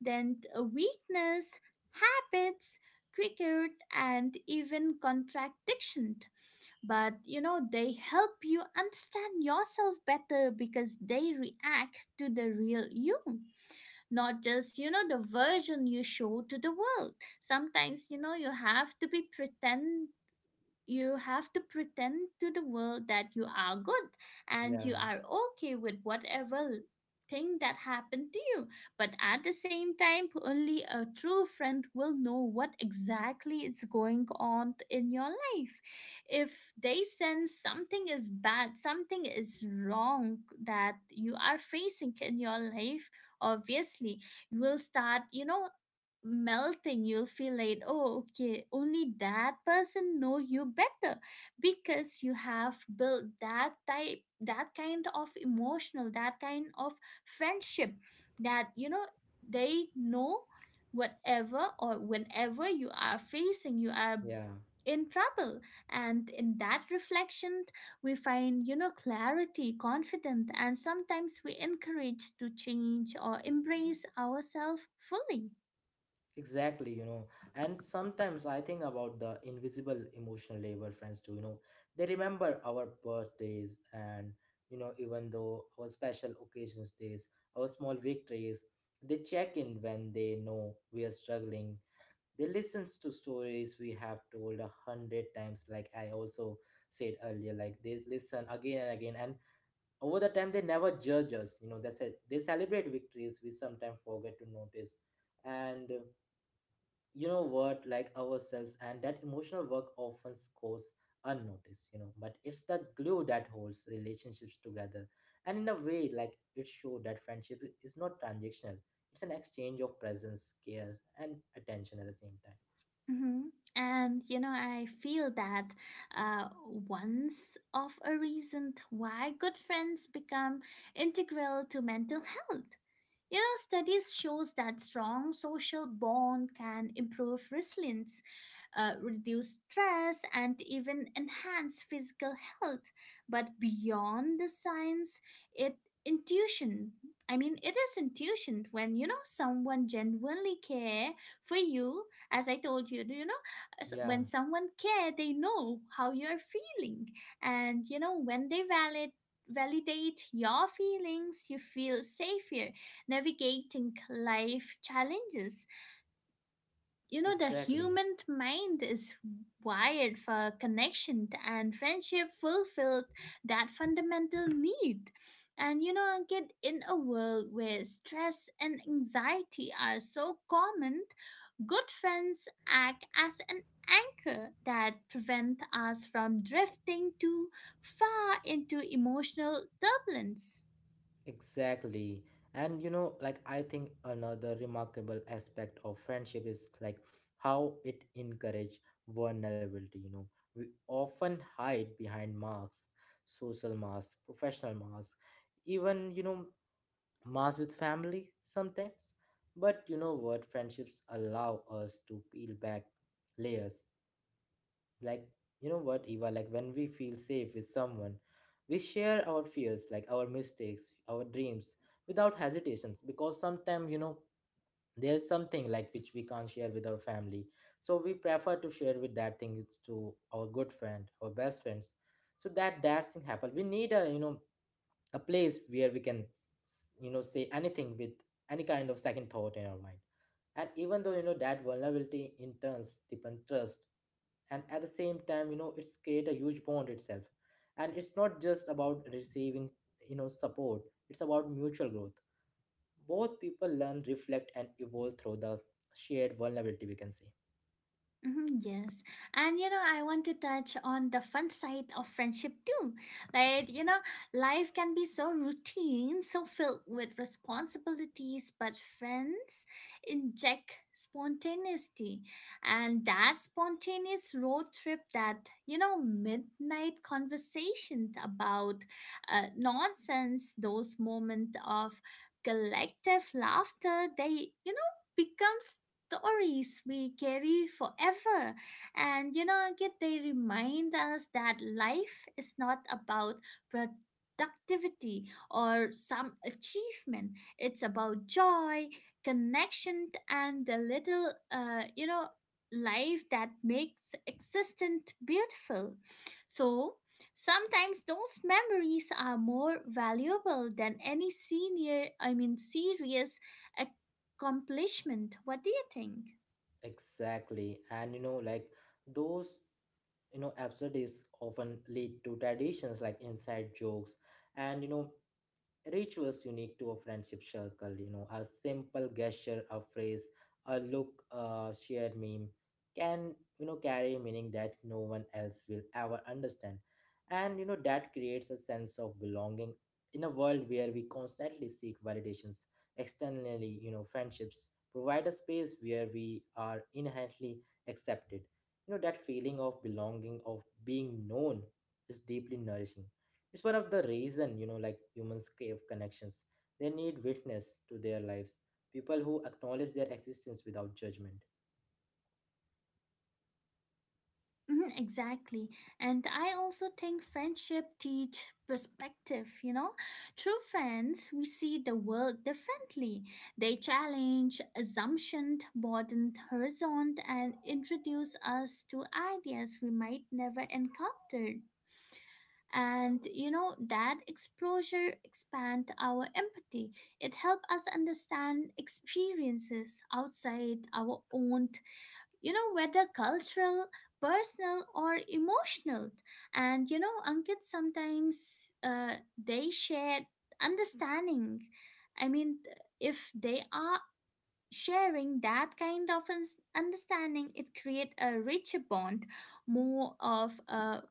Speaker 2: then a weakness, habits, cricket, and even contradiction. But you know, they help you understand yourself better because they react to the real you, not just you know the version you show to the world. Sometimes you know you have to be pretend you have to pretend to the world that you are good and you
Speaker 1: yeah,
Speaker 2: are okay with whatever thing that happened to you. But at the same time, only a true friend will know what exactly is going on in your life. If they sense something is bad, something is wrong that you are facing in your life, obviously you will start, you know, melting. You'll feel like, oh okay, only that person know you better because you have built that type, that kind of friendship that you know they know whatever or whenever you are facing, you are
Speaker 1: yeah.
Speaker 2: in trouble. And in that reflection, we find, you know, clarity, confidence, and sometimes we encourage to change or embrace ourselves fully.
Speaker 1: Exactly, you know, and sometimes I think about the invisible emotional labor friends do. You know, they remember our birthdays and, you know, even though our special occasions days, our small victories, they check in when they know we are struggling. They listens to stories we have told a hundred times, like I also said earlier. Like they listen again and again, and over the time they never judge us. You know, that's it. They celebrate victories we sometimes forget to notice, and you know what, like ourselves, and that emotional work often goes unnoticed. You know, but it's the glue that holds relationships together, and in a way, like it showed that friendship is not transactional, it's an exchange of presence, care, and attention at the same time.
Speaker 2: hmm And you know, I feel that uh, once of a reason why good friends become integral to mental health. You know, studies shows that strong social bond can improve resilience, reduce stress, and even enhance physical health. But beyond the science, it intuition. I mean, it is intuition when you know someone genuinely care for you. As I told you, you know,
Speaker 1: Yeah.
Speaker 2: when someone care, they know how you are feeling, and you know when they validate your feelings, you feel safer navigating life challenges. You know, the
Speaker 1: Exactly,
Speaker 2: human mind is wired for connection, and friendship fulfilled that fundamental need. And you know, kid, in a world where stress and anxiety are so common, good friends act as an anchor that prevent us from drifting too far into emotional turbulence.
Speaker 1: exactly. And you know, like I think another remarkable aspect of friendship is like how it encourages vulnerability, you know. We often hide behind masks, social masks, professional masks, even, you know, mass with family sometimes, but you know what, friendships allow us to peel back layers. Like, you know what, Eva, like when we feel safe with someone, we share our fears, like our mistakes, our dreams, without hesitations, because sometimes, you know, there's something like which we can't share with our family, so we prefer to share with that thing to our good friend, our best friends. So that that thing happen, we need a, you know, a place where we can, you know, say anything with any kind of second thought in our mind. And even though, you know, that vulnerability in turns deepen trust, and at the same time, you know, it's create a huge bond itself. And it's not just about receiving, you know, support, it's about mutual growth. Both people learn, reflect, and evolve through the shared vulnerability, we can say.
Speaker 2: Mhm. Yes. And you know, I want to touch on the fun side of friendship too. Like, you know, life can be so routine, so filled with responsibilities, but friends inject spontaneity. And that spontaneous road trip, that, you know, midnight conversation about nonsense, those moments of collective laughter, they, you know, becomes stories we carry forever. And you know, Ankit, they remind us that life is not about productivity or some achievement. It's about joy, connection, and the little, you know, life that makes existence beautiful. So sometimes those memories are more valuable than any serious accomplishment. What do you think?
Speaker 1: Exactly, and you know, like those, you know, absurdities often lead to traditions, like inside jokes, and, you know, rituals unique to a friendship circle. You know, a simple gesture, a phrase, a look, a shared meme can, you know, carry meaning that no one else will ever understand. And, you know, that creates a sense of belonging. In a world where we constantly seek validations externally, you know, friendships provide a space where we are inherently accepted. You know, that feeling of belonging, of being known, is deeply nourishing. It's one of the reason, you know, like humans crave connections. They need witness to their lives, people who acknowledge their existence without judgment.
Speaker 2: Mhm, exactly. And I also think friendship teach perspective, you know? Through friends, we see the world differently. They challenge assumptions, broaden horizon, and introduce us to ideas we might never encountered. And you know that exposure expand our empathy. It helps us understand experiences outside our own, you know, whether cultural, personal, or emotional. And you know, Ankit, sometimes they share understanding. I mean, if they are sharing that kind of understanding, it create a richer bond, more of a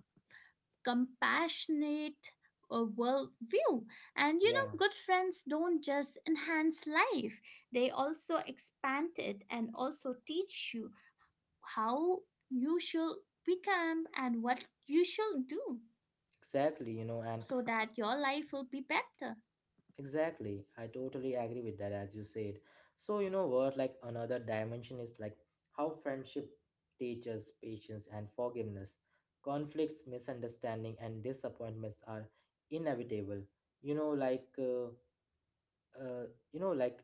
Speaker 2: compassionate worldview. And you
Speaker 1: Yeah,
Speaker 2: know, good friends don't just enhance life; they also expand it and also teach you how you should become and what you should do so
Speaker 1: exactly,
Speaker 2: that
Speaker 1: you
Speaker 2: your
Speaker 1: know, and
Speaker 2: life will
Speaker 1: uh,
Speaker 2: be better.
Speaker 1: exactly, I totally agree with that as you said. So, you know what, like another dimension is like how friendship teaches patience and forgiveness. Conflicts, misunderstanding, and disappointments are inevitable. You know, like uh, you know, like,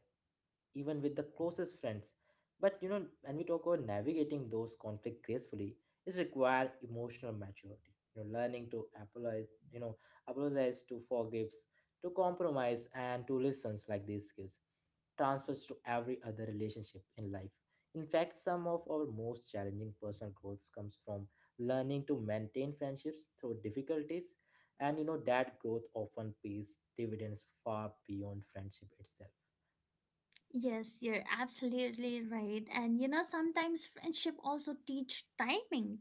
Speaker 1: even with the closest friends. But you know, when we talk about navigating those conflict gracefully is require emotional maturity, you know, learning to apologize, you know, apologize, to forgives, to compromise, and to listens. Like these skills transfers to every other relationship in life. In fact, some of our most challenging personal growths comes from learning to maintain friendships through difficulties. And you know that growth often pays dividends far beyond friendship itself.
Speaker 2: Yes, you're absolutely right. And you know, sometimes friendship also teach timing,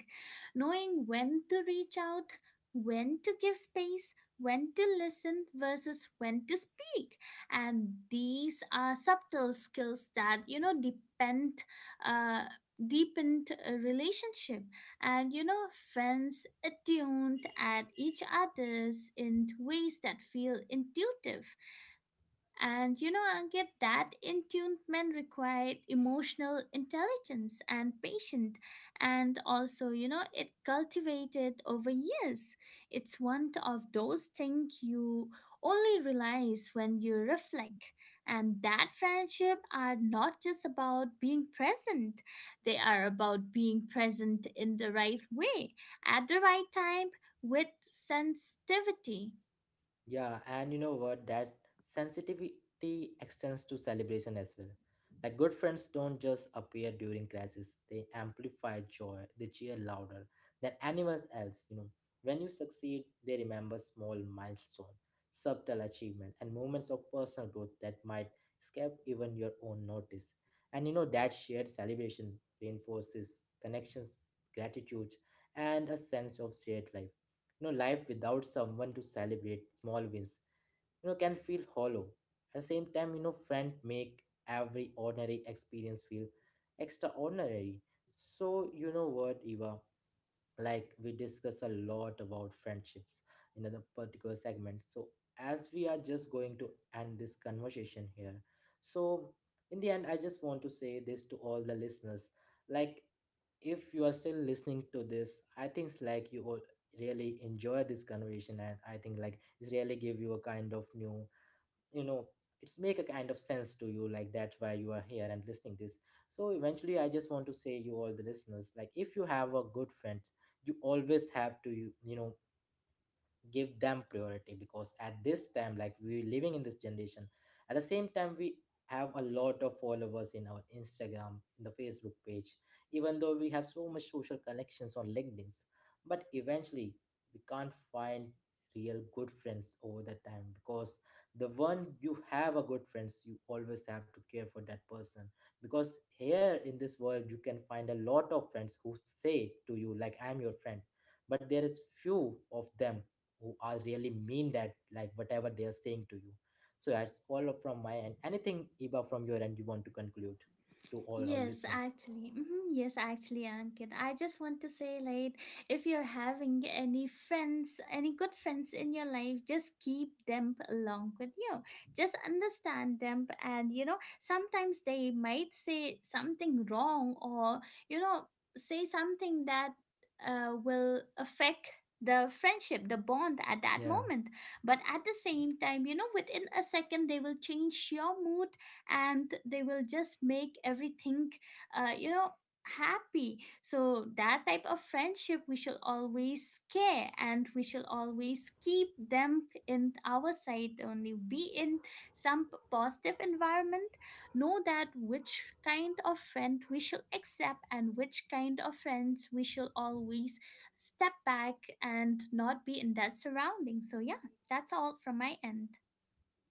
Speaker 2: knowing when to reach out, when to give space, when to listen versus when to speak. And these are subtle skills that you know depend uh deepened a relationship. And you know friends attuned at each other's in ways that feel intuitive. And you know, Ankit, that attunement required emotional intelligence and patience. And also, you know, it cultivated over years. It's one of those things you only realize when you reflect. And that friendship are not just about being present. They are about being present in the right way, at the right time, with sensitivity.
Speaker 1: Yeah, and you know what? That sensitivity extends to celebration as well. Like good friends don't just appear during crisis; they amplify joy. They cheer louder than anyone else. You know, when you succeed, they remember small milestones, subtle achievement, and moments of personal growth that might escape even your own notice. And you know that shared celebration reinforces connections, gratitude, and a sense of shared life. You know, life without someone to celebrate small wins, you know, can feel hollow. At the same time, you know, friends make every ordinary experience feel extraordinary. So, you know what, Eva? Like we discuss a lot about friendships in another particular segment. So, as we are just going to end this conversation here, so in the end, I just want to say this to all the listeners, like if you are still listening to this, I think like you will really enjoy this conversation, and I think like it's really give you a kind of new, you know, it's make a kind of sense to you, like that's why you are here and listening this. So eventually I just want to say you all the listeners, like if you have a good friend, you always have to you know, give them priority, because at this time, like we're living in this generation, at the same time we have a lot of followers in our Instagram, in the Facebook page, even though we have so much social connections on LinkedIn, but eventually we can't find real good friends over the time, because the one you have a good friends, you always have to care for that person, because here in this world you can find a lot of friends who say to you like I'm your friend, but there is few of them who are really mean that like whatever they are saying to you. So that's all from my end. Anything, Eva, from your end you want to conclude to all our listeners?
Speaker 2: Yes, actually, Ankit, I just want to say, like, if you're having any friends, any good friends in your life, just keep them along with you. Just understand them. And, you know, sometimes they might say something wrong or, you know, say something that will affect the friendship, the bond at that
Speaker 1: Yeah,
Speaker 2: moment. But at the same time, you know, within a second, they will change your mood and they will just make everything, you know, happy. So that type of friendship we shall always care, and we shall always keep them in our side, only be in some positive environment. Know that which kind of friend we shall accept and which kind of friends we shall always step back and not be in that surrounding. So yeah, that's all from my end.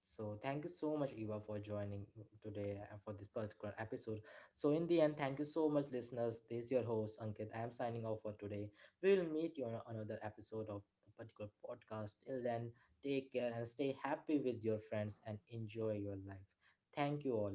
Speaker 1: so thank you so much, Eva, for joining today and for this particular episode. So in the end, thank you so much listeners, this is your host Ankit, I am signing off for today. We will meet you on another episode of the particular podcast. Till then, take care and stay happy with your friends and enjoy your life. Thank you all.